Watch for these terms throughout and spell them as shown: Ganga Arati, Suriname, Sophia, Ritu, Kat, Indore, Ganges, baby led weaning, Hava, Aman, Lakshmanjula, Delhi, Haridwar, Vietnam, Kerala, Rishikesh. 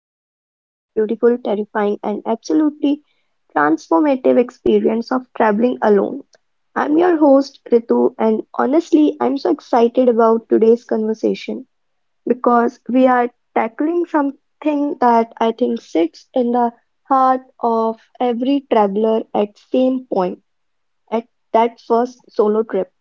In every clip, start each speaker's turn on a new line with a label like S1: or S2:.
S1: Deep into the beautiful, terrifying, and absolutely transformative experience of traveling alone. I'm your host, Ritu, and honestly, I'm so excited about today's conversation because we are tackling something that I think sits in the heart of every traveler at same point at that first solo trip,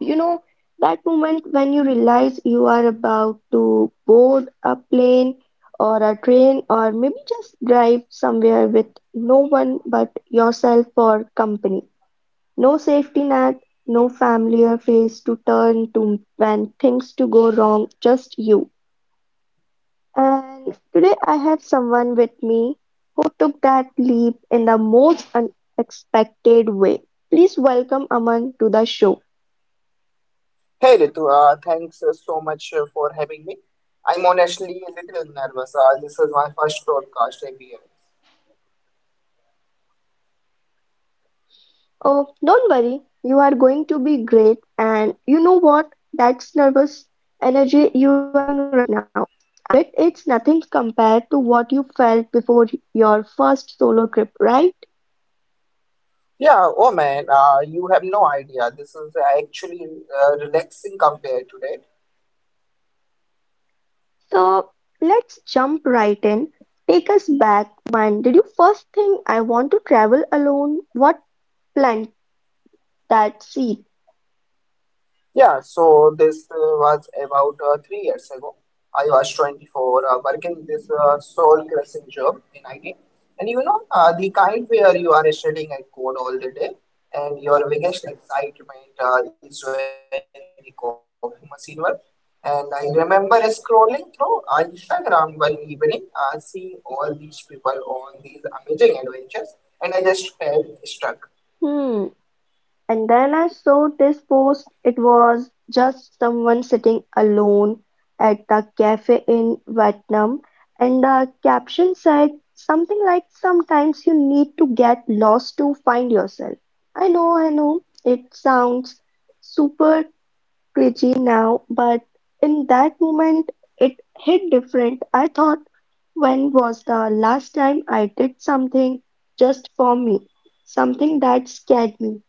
S1: you know, that moment when you realize you are about to board a plane or a train or maybe just drive somewhere with no one but yourself for company. No safety net, no family or face to turn to when things to go wrong, just you. And today I have someone with me who took that leap in the most unexpected way. Please welcome Aman to the show.
S2: Hey Ritu, thanks so much for having me. I'm honestly a little nervous. This is my first broadcast appearance.
S1: Oh, don't worry. You are going to be great. And you know what? That's nervous energy you are feeling right now. I bet it's nothing compared to what you felt before your first solo trip, right?
S2: Yeah, oh man, you have no idea. This is actually relaxing compared today.
S1: So let's jump right in. Take us back. When did you first think I want to travel alone? What plant that seed?
S2: Yeah, so this was about 3 years ago. I was 24, working this soul crushing job in IT. And you know, the kind where you are studying at code all the day, and your biggest excitement is when the coffee machine works. And I remember scrolling through Instagram one evening, seeing all these people on these amazing adventures, and I just felt stuck.
S1: Hmm. And then I saw this post. It was just someone sitting alone at the cafe in Vietnam. And the caption said something like, "Sometimes you need to get lost to find yourself." I know, it sounds super cringy now, but in that moment, it hit different. I thought, when was the last time I did something just for me? Something that scared me.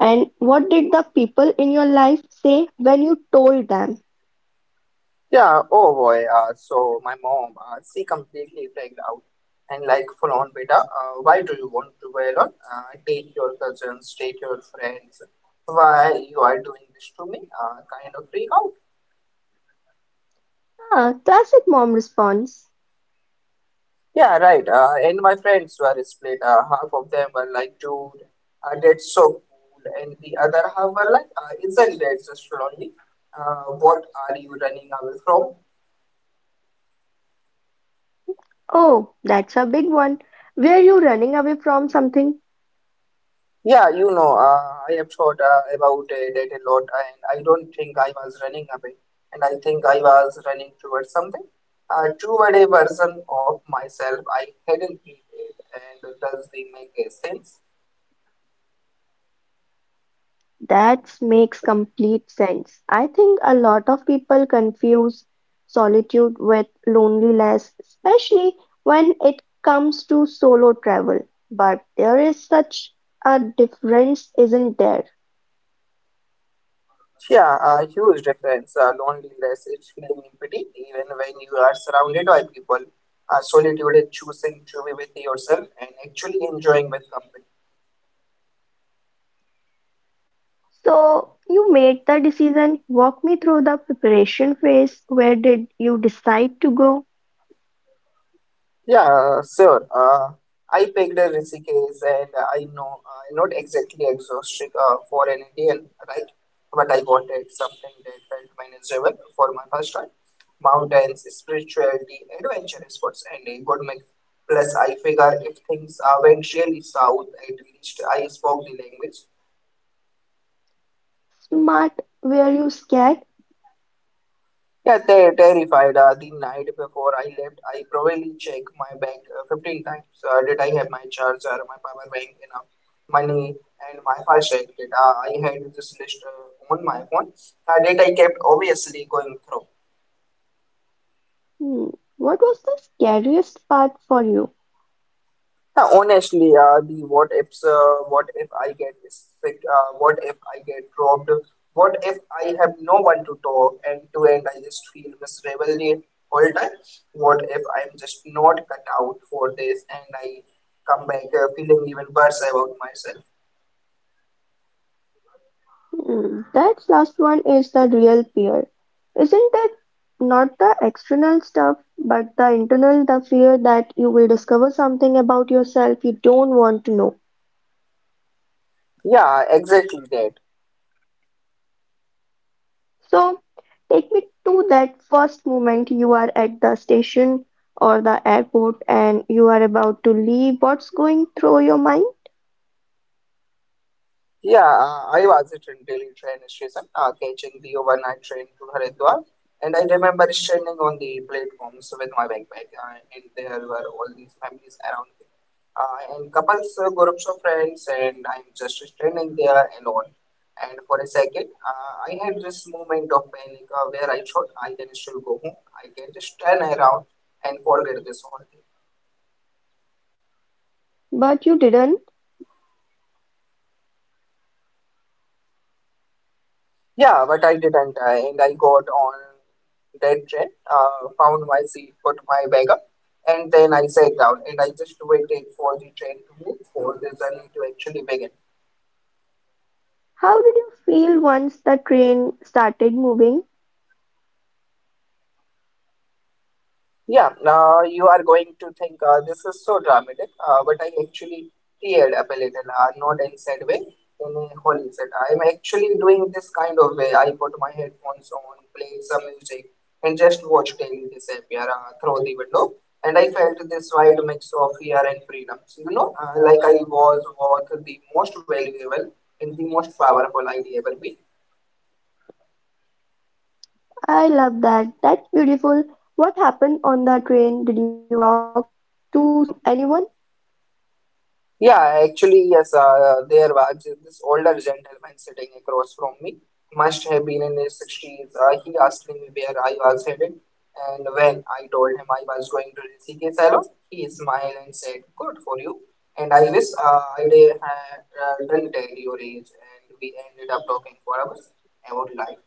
S1: And what did the people in your life say when you told them?
S2: Yeah, oh boy. So my mom, she completely freaked out and like full on beta. Why do you want to wear on? Take your cousins, take your friends. Why you are doing this to me? Kind of freak out.
S1: Ah, classic mom response.
S2: Yeah, right. And my friends were split. Half of them were like, dude, that's so cool, and the other half were like, isn't that just lonely? What are you running away from?
S1: Oh, that's a big one. Were you running away from something?
S2: Yeah, you know, I have thought about that a lot, and I don't think I was running away, and I think I was running towards something, toward a version of myself I hadn't created. And does they make a sense?
S1: That makes complete sense. I think a lot of people confuse solitude with loneliness, especially when it comes to solo travel. But there is such a difference, isn't there?
S2: Yeah, a huge difference. Loneliness is feeling empty, even when you are surrounded by people. Solitude is choosing to be with yourself and actually enjoying with company.
S1: So you made the decision. Walk me through the preparation phase. Where did you decide to go?
S2: Yeah, sure. I picked a Rishikesh, and I know not exactly exhausting for an Indian, right? But I wanted something that felt manageable for my first time. Mountains, spirituality, adventurous sports, and a good mix. Plus, I figure if things went really south, at least I spoke the language.
S1: Smart. Were you scared?
S2: Yeah, they terrified. The night before I left, I probably checked my bank 15 times. Did I have my charger, my power bank, enough money, and my fast exit? I had this list on my phone did I kept obviously going through.
S1: Hmm. What was the scariest part for you?
S2: Yeah, honestly, the what ifs, what if I get sick, what if I get robbed, what if I have no one to talk and to end I just feel miserable the whole time, what if I'm just not cut out for this and I come back feeling even worse about myself.
S1: Hmm. That last one is the real fear. Isn't it not the external stuff, but the internal, the fear that you will discover something about yourself you don't want to know?
S2: Yeah, exactly that.
S1: So, take me to that first moment you are at the station or the airport and you are about to leave. What's going through your mind?
S2: Yeah, I was at a daily train station, catching the overnight train to Haridwar, and I remember standing on the platforms with my backpack, and there were all these families around me, and couples, groups of friends, and I'm just standing there alone. And for a second, I had this moment of panic where I thought I can still go home, I can just turn around and forget this all.
S1: But you didn't.
S2: Yeah, but I didn't. And I got on that train, found my seat, put my bag up, and then I sat down and I just waited for the train to move for the journey to actually begin.
S1: How did you feel once the train started moving?
S2: Yeah, you are going to think this is so dramatic, but I actually teared up a little, not in sad way, in a holy set. I'm actually doing this kind of way. I put my headphones on, play some music, and just watch daily disappear through the window. And I felt this wide mix of fear and freedom. So, you know, like I was worth the most valuable and the most powerful I'd ever be.
S1: I love that. That's beautiful. What happened on the train? Did you talk to some anyone?
S2: Yeah, actually, yes, there was this older gentleman sitting across from me. Must have been in his 60s. He asked me where I was headed, and when I told him I was going to Rishikesh alone, he smiled and said, Good for you. And I wish I did, had done tell your age, and we ended up talking for hours about life,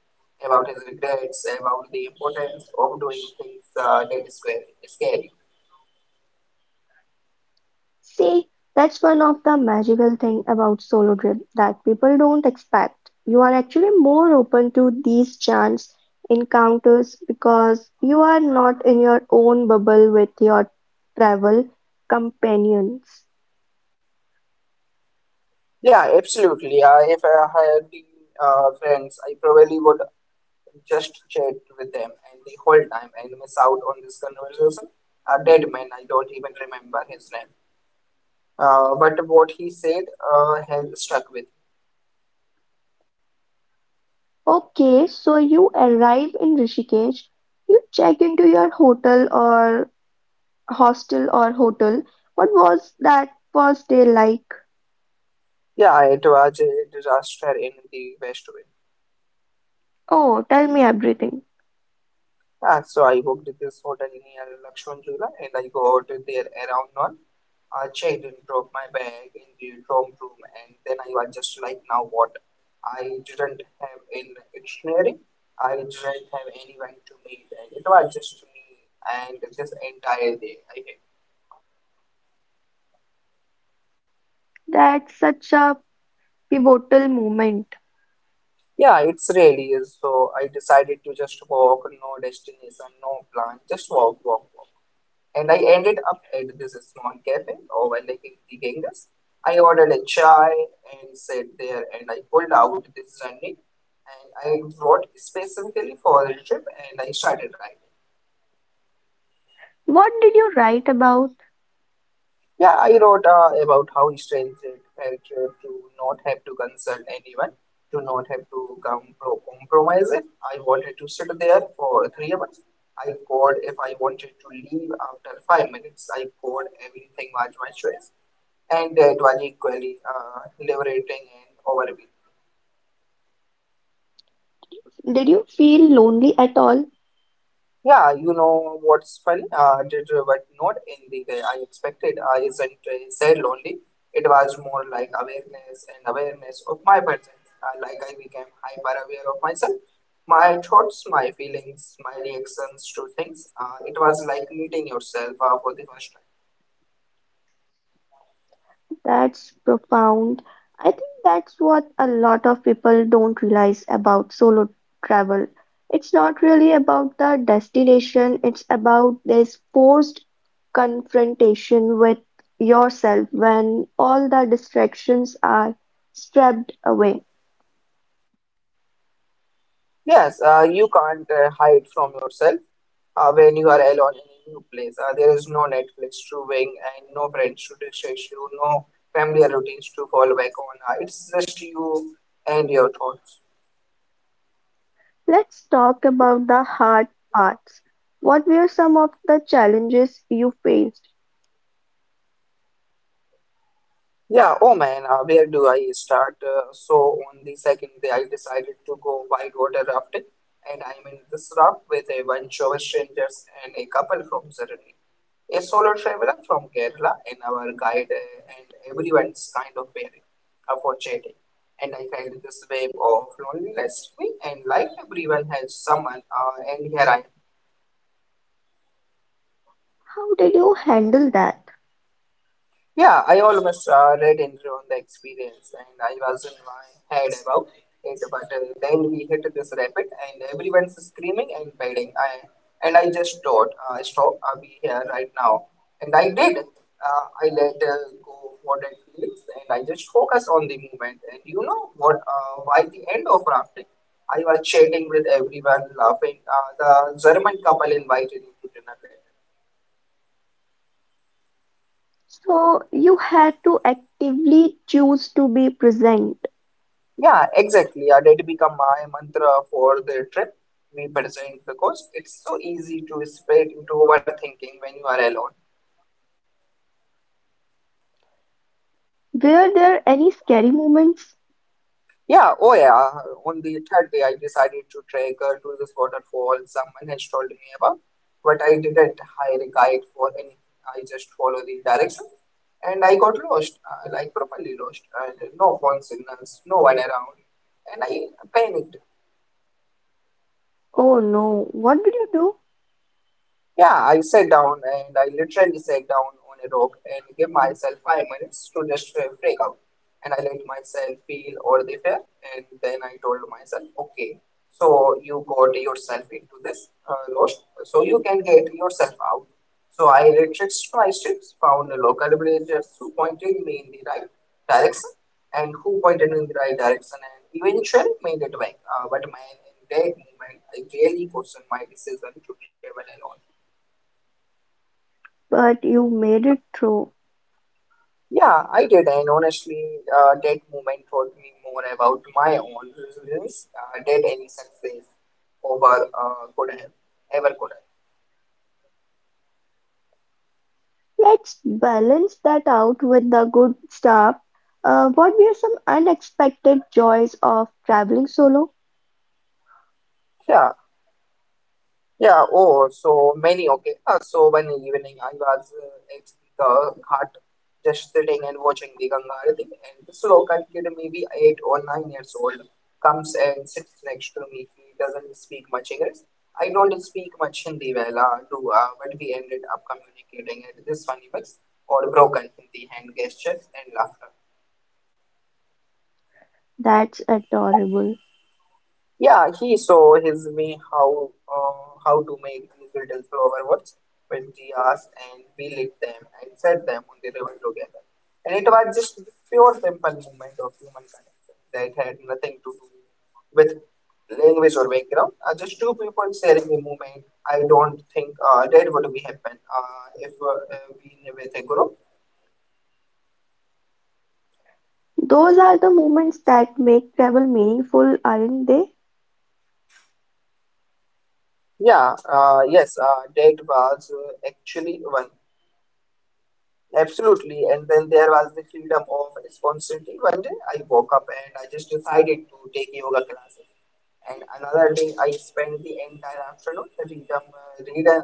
S2: about his regrets, about the importance of doing things that is scary.
S1: See, that's one of the magical thing about solo trip that people don't expect. You are actually more open to these chance encounters because you are not in your own bubble with your travel companions.
S2: Yeah, absolutely. If I had been friends, I probably would just chat with them and the whole time and miss out on this conversation. A dead man, I don't even remember his name. But what he said has stuck with me.
S1: Okay, so you arrive in Rishikesh, you check into your hotel or hostel or hotel. What was that first day like?
S2: Yeah, it was a disaster in the best way.
S1: Oh, tell me everything.
S2: Ah, so I booked this hotel near Lakshmanjula and I go out there around noon. I checked and dropped my bag in the dorm room, and then I was just like, now what? I didn't have an dictionary. I didn't have anyone to meet, and it was just me and this entire day. I had-
S1: That's such a pivotal moment.
S2: yeah, it's really is. So I decided to just walk, no destination, no plan, just walk. And I ended up at this small cafe overlooking the Ganges. I ordered a chai and sat there and I pulled out this journey and I wrote specifically for the trip and I started writing.
S1: What did you write about?
S2: Yeah, I wrote about how strange it felt to not have to consult anyone, to not have to compromise it. I wanted to sit there for 3 hours. I called if I wanted to leave after 5 minutes. I called everything was my choice. And that was equally liberating and overwhelming.
S1: Did you feel lonely at all?
S2: Yeah, you know what's funny? Did but not in the way I expected. I isn't said lonely. It was more like awareness and awareness of my presence. Like I became hyper aware of myself, my thoughts, my feelings, my reactions to things. It was like meeting yourself for the first time.
S1: That's profound. I think that's what a lot of people don't realize about solo travel. It's not really about the destination, it's about this forced confrontation with yourself when all the distractions are stripped away.
S2: Yes, you can't hide from yourself when you are alone in a new place. There is no Netflix to wing and no friends to distract you, no familiar routines to fall back on. It's just you and your thoughts.
S1: Let's talk about the hard parts. What were some of the challenges you faced?
S2: Yeah, oh man, where do I start? So on the second day, I decided to go whitewater rafting, and I'm in this raft with a bunch of strangers and a couple from Suriname. A solo traveler from Kerala and our guide and everyone's kind of pairing uh, and I felt this wave of loneliness me and like everyone has someone and here I
S1: How did you handle that?
S2: yeah, I almost read in on the experience and I was in my head about it, but then we hit this rapid and everyone's screaming and biting. And I just thought, stop, I'll be here right now. And I did. I let go what I feels and I just focused on the movement. And you know what? By the end of rafting, I was chatting with everyone, laughing. The German couple invited me to dinner.
S1: So you had to actively choose to be present.
S2: Yeah, exactly. A did become my mantra for the trip we present because it's so easy to spread into overthinking when you are alone.
S1: Were there any scary moments?
S2: Yeah, oh yeah. On the third day, I decided to trek to this waterfall someone has told me about, but I didn't hire a guide for anything. I just follow the direction and I got lost, like properly lost. And no phone signals, no one around, and I panicked.
S1: Oh no, what did you do?
S2: Yeah, I sat down and I literally sat down on a rock and gave myself 5 minutes to just freak out. And I let myself feel all the fear. And then I told myself, okay, so you got yourself into this lost, so you can get yourself out. So I retraced my steps, found a local villagers who pointed me in the right direction and who pointed me in the right direction and eventually made it back. But my, in that moment, I really questioned my decision to travel alone.
S1: But you made it through.
S2: Yeah, I did, and honestly, that moment taught me more about my own resilience than any success over could have ever could
S1: Let's balance that out with the good stuff. What were some unexpected joys of traveling solo?
S2: have. Yeah, oh, so many, okay. So one evening I was at the ghat just sitting and watching the Ganga Arati, and this local kid, maybe 8 or 9 years old, comes and sits next to me. He doesn't speak much English. I don't speak much Hindi well, do, but we ended up communicating at this funny mix or broken Hindi hand gestures and laughter.
S1: That's adorable.
S2: Yeah, he saw his way how to make these little flower pots with diyas and we lit them and set them on the river together. And it was just the pure simple movement of human connection that had nothing to do with language or background. Just two people sharing a moment. I don't think that would be happen if we never think a group.
S1: Those are the moments that make travel meaningful, aren't they?
S2: Yeah, yes, that was actually one. Absolutely. And then there was the freedom of spontaneity. One day I woke up and I just decided to take yoga classes. And another day I spent the entire afternoon reading in a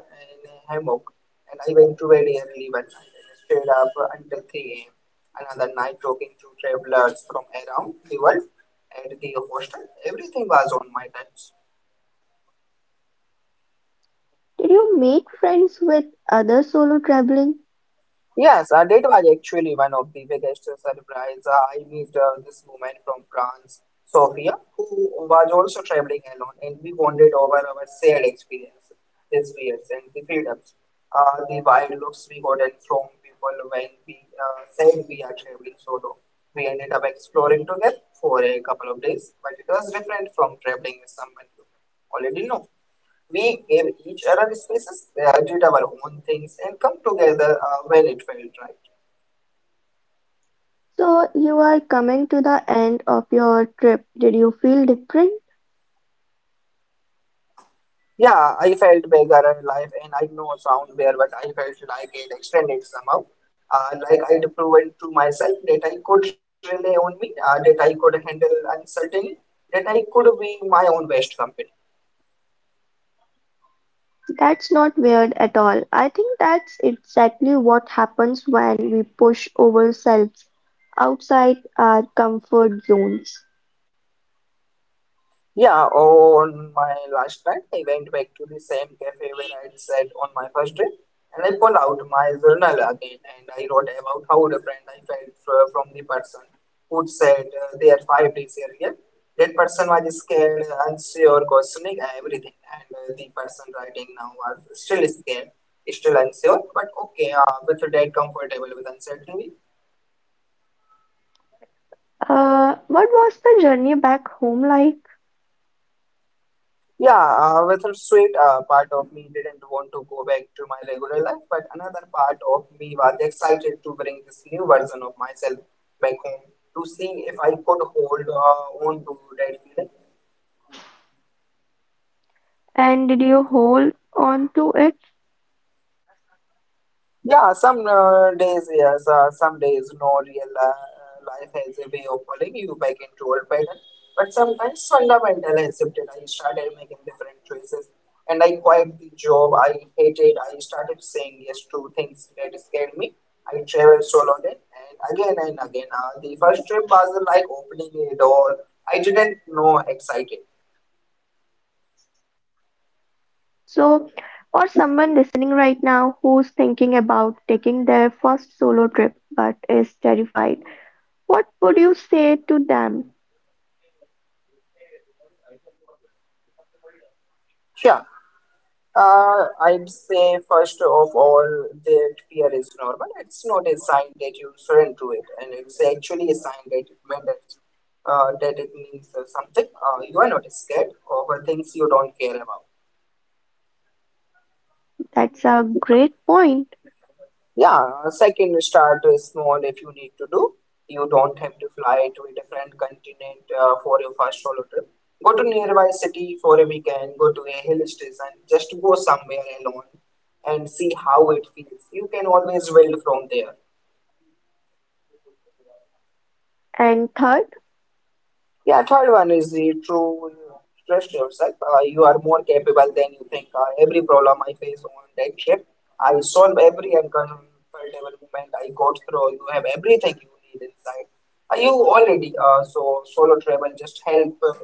S2: hammock. And I went to bed early one night and stayed up until 3 a.m. Another night talking to travelers from around the world at the hostel. Everything was on my terms.
S1: Did you make friends with other solo traveling?
S2: Yes, that was actually one of the biggest surprise. I met this woman from France, Sophia, who was also traveling alone, and we bonded over our shared experience, his fears and the freedoms, the wild looks we got and from people when we said we are traveling solo. We ended up exploring together for a couple of days, but it was different from traveling with someone you already know. We gave each other spaces, did our own things, and come together when it felt right.
S1: So you are coming to the end of your trip. Did you feel different?
S2: Yeah, I felt bigger in life, and I know sound weird, but I felt like it extended somehow. Like I'd proven to myself that I could rely on me, that I could handle uncertainty, that I could be my own best company.
S1: That's not weird at all. I think that's exactly what happens when we push ourselves outside our comfort zones.
S2: Yeah, on my last night, I went back to the same cafe where I'd sat on my first day, and I pulled out my journal again and I wrote about how different I felt from the person who said they are 5 days earlier. That person was scared, unsure, questioning everything, and the person writing now was still scared, still unsure, but okay, with that comfortable with uncertainty.
S1: What was the journey back home like?
S2: Yeah, with a sweet part of me didn't want to go back to my regular life, but another part of me was excited to bring this new version of myself back home to see if I could hold on to that feeling.
S1: And did you hold on to it?
S2: Yeah, some days yes, some days no. Real life has a way of pulling you back into old pattern. But sometimes fundamental has shifted. I started making different choices, and I quit the job I hated. I started saying yes to things that scared me. I traveled solo then, and again and again. The first trip was like opening a door I didn't know excited.
S1: So, or someone listening right now who's thinking about taking their first solo trip but is terrified, what would you say to them?
S2: I'd say first of all that fear is normal. It's not a sign that you surrender to it, and it's actually a sign that it matters. That it means something. You are not scared over things you don't care about.
S1: That's a great point.
S2: Yeah, second start is small if you need to do. You don't have to fly to a different continent for your first solo trip. Go to nearby city for a weekend, go to a hill station, just go somewhere alone and see how it feels. You can always build from there.
S1: And third,
S2: Yeah, third one is the true trust yourself. You are more capable than you think. Every problem I face on that trip, I solve every uncomfortable moment I got through. You have everything you need inside. You already, so solo travel just help uh,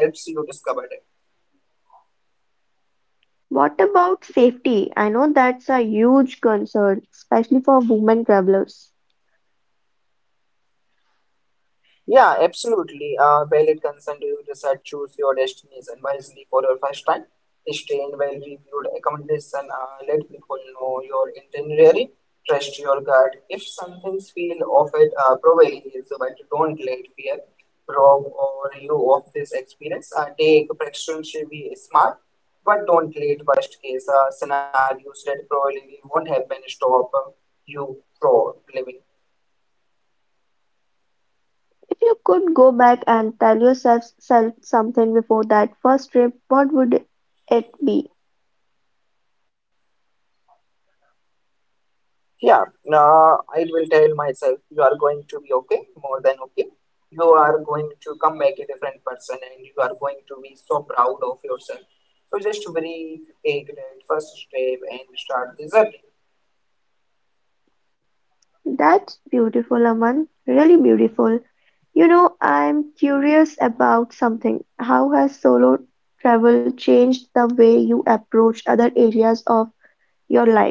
S2: helps you discover that.
S1: what about safety? I know that's a huge concern, especially for women travelers.
S2: Yeah, absolutely. Valid concern to your research, choose your destinies and wisely for your first time. Stay in well reviewed accommodation. Let people know your itinerary. Trust your gut. If something feel of it, prevailing is but don't let fear rob or you of this experience. Take precaution, be smart, but don't let worst case scenarios that probably won't happen stop you from living.
S1: If you could go back and tell yourself self something before that first trip, what would it be?
S2: Yeah, I will tell myself you are going to be okay, more than okay. You are going to come back a different person and you are going to be so proud of yourself. So just breathe, take that first step and start the journey.
S1: That's beautiful, Aman. Really beautiful. You know, I'm curious about something. How has solo travel changed the way you approach other areas of your life?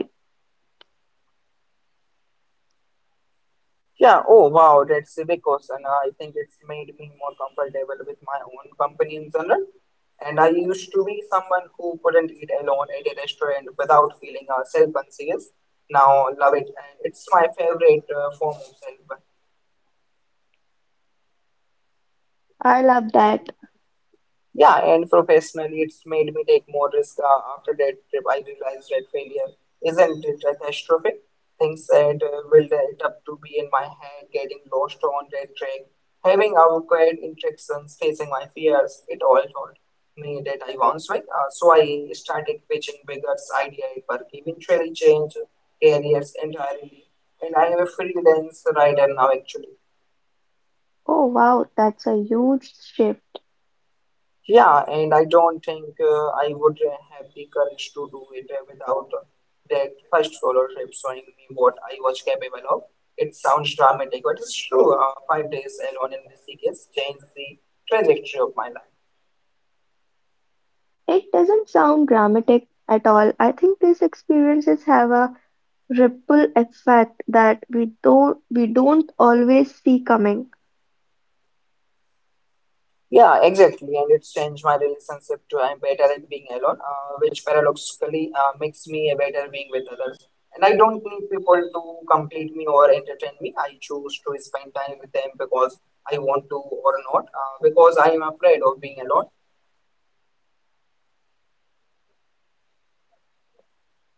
S2: Yeah, oh wow, that's a big question. I think it's made me more comfortable with my own company in general. And I used to be someone who couldn't eat alone at a restaurant without feeling self-conscious. Now love it. And it's my favorite form of self.
S1: I love that.
S2: Yeah, and professionally, it's made me take more risk after that trip. I realized that failure isn't it a catastrophe. Things that will end up to be in my head, getting lost on that track, having awkward interactions, facing my fears, it all taught me that I once was. So I started pitching bigger idea at work, eventually changed careers entirely, and I am a freelance writer now actually.
S1: Oh wow, that's a huge shift.
S2: Yeah, and I don't think I would have the courage to do it without that first scholarship showing me what I was capable of. It sounds dramatic, but it's true. Five days alone in this case changed the trajectory of my life.
S1: It doesn't sound dramatic at all. I think these experiences have a ripple effect that we don't always see coming.
S2: Yeah, exactly. And it's changed my relationship to I'm better at being alone, which paradoxically makes me a better being with others. And I don't need people to complete me or entertain me. I choose to spend time with them because I want to or not, because I am afraid of being alone.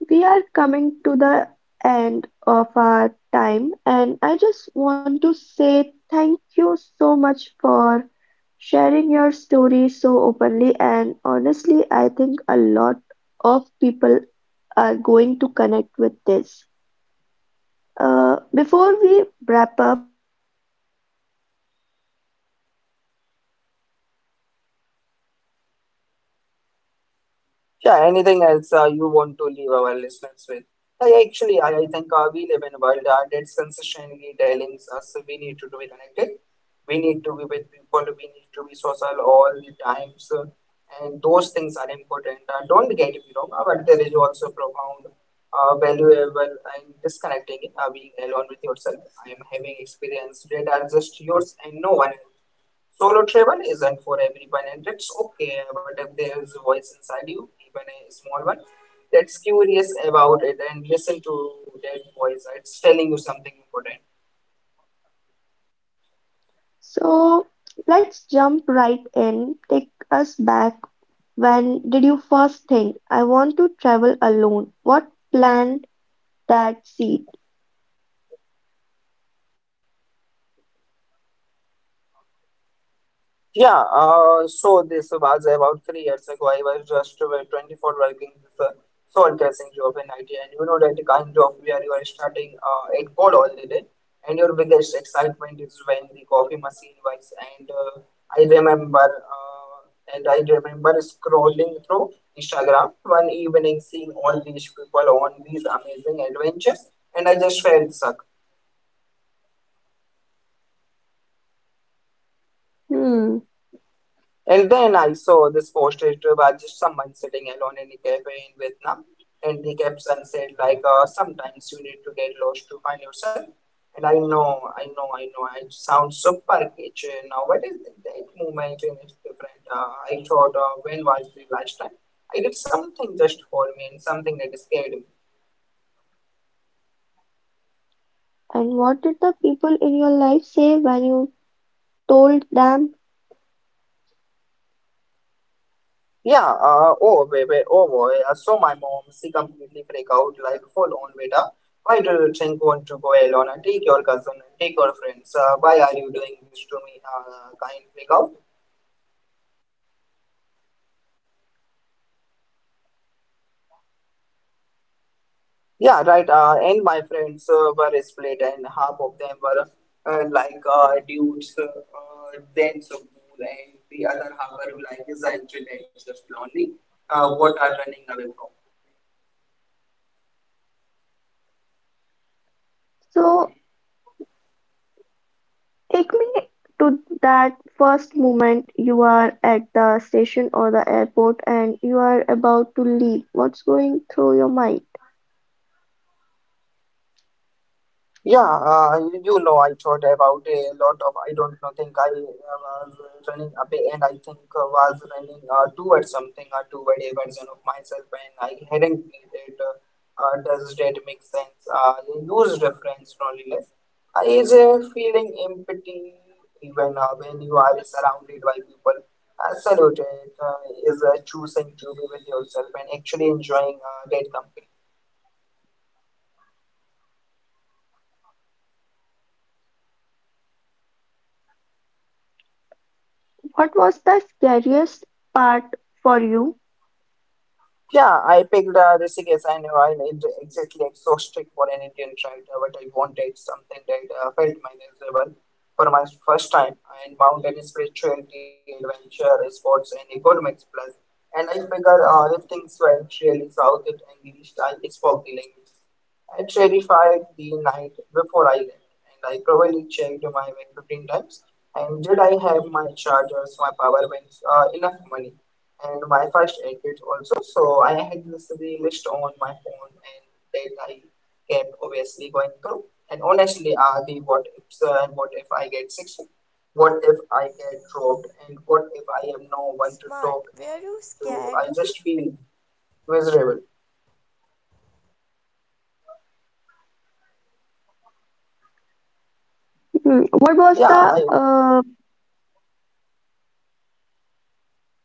S1: We are coming to the end of our time, and I just want to say thank you so much for sharing your story so openly and honestly, I think a lot of people are going to connect with this. Before we wrap up, is there anything else you want to leave our listeners with?
S2: Yeah, anything else you want to leave our listeners with? I think we live in a world that's consistently telling us we need to be connected, we need to be with people, we need to be social all the times, and those things are important. Don't get me wrong, but there is also profound, valuable, and disconnecting being alone with yourself. I am having experience that are just yours and no one else. Solo travel isn't for everyone, and it's okay. But if there is a voice inside you, even a small one, that's curious about it, and listen to that voice. It's telling you something important.
S1: So let's jump right in. Take us back. When did you first think, I want to travel alone? What planned that seed?
S2: Yeah, so this was about 3 years ago. I was just 24 working this soul tracing job in IT, and you know that kind of where you are starting at code all the day, and your biggest excitement is when the coffee machine works. I remember, uh, and I remember scrolling through Instagram one evening, seeing all these people on these amazing adventures, and I just felt suck.
S1: Hmm.
S2: And then I saw this posted by just someone sitting alone in a cafe in Vietnam, and the caption said like, "Sometimes you need to get lost to find yourself." And I know, I know, I know. It sounds super kitchen. Now, what is it? That movement in it's different? I thought, when was the last time I did something just for me and something that scared me?
S1: And what did the people in your life say when you told them?
S2: Yeah, oh, baby. Oh boy. So my mom, she completely freak out like full on beta. Why do you think want to go alone and take your cousin and take your friends? Why are you doing this to me? Kind freak out. Yeah, right. And my friends were split and half of them were like dudes, then so cool and the other half were like is actually just lonely. What are running away from?
S1: So take me to that first moment you are at the station or the airport and you are about to leave. What's going through your mind?
S2: Yeah, you know, I thought about a lot of. I don't know, think I was running away, and I think was running towards something, or toward a version of myself, and I hadn't needed. Does that make sense? You use reference loneliness. Is a feeling empty even when you are surrounded by people. Salute it, is choosing to be with yourself and actually enjoying that company.
S1: What was the scariest part for you?
S2: Yeah, I picked Rishikesh. I knew I need exactly exhausting for an Indian writer, but I wanted something that felt manageable for my first time. And mountain spirituality, adventure, sports, and economics plus. And I figured if things went really south in English, I spoke the language. It terrified the night before I left, and I probably checked my bank 15 times. And did I have my chargers, my power banks, enough money, and my first aid kit also? So I had this list on my phone, and that I kept obviously going through. And honestly, the what ifs and what if I get sick? What if I get robbed? And what if I have no one to talk and to? I just feel miserable.
S1: Hmm, what was
S2: Yeah, I,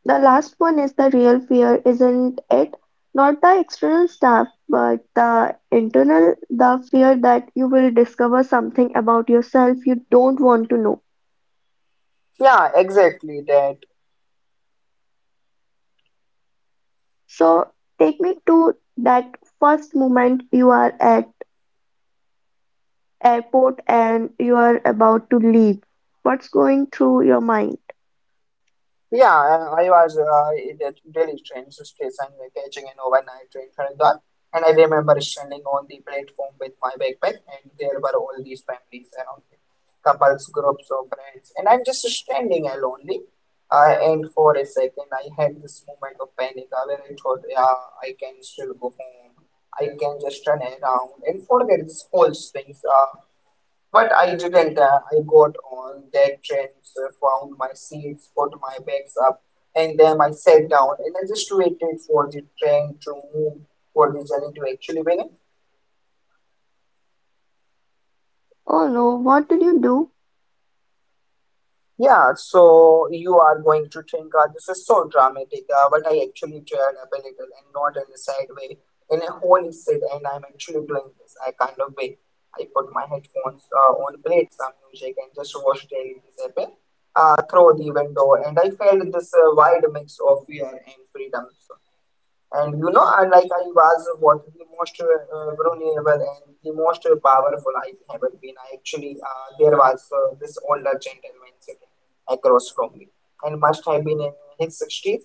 S1: the last one is the real fear, isn't it? Not the external stuff, but the internal, the fear that you will discover something about yourself you don't want to know.
S2: yeah, exactly that.
S1: So take me to that first moment you are at airport and you are about to leave. What's going through your mind?
S2: Yeah, I was in a Delhi train station catching an overnight train for Indore, and I remember standing on the platform with my backpack, and there were all these families around me, couples, groups of friends, and I'm just standing alone. And for a second, I had this moment of panic where I thought, yeah, I can still go home. I can just turn around and forget these whole things. But I didn't. I got on that train, so I found my seats, put my bags up, and then I sat down and I just waited for the train to move, for the journey to actually begin.
S1: Oh no, what did you do?
S2: Yeah, so you are going to think this is so dramatic, but I actually teared up a little and not in a sad way, in a holy shit, and I'm actually doing this I kind of way. I put my headphones on, played some music, and just watched Daily Disciple through the window, and I felt this wide mix of fear and freedom. So, and you know, and like I was what the most vulnerable and the most powerful I have ever been. I actually, there was this older gentleman sitting across from me and must have been in his 60s.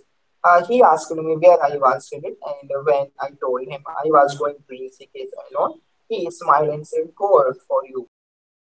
S2: He asked me where I was headed, and when I told him I was going to uck alone, he smiled and said, "Good for you." So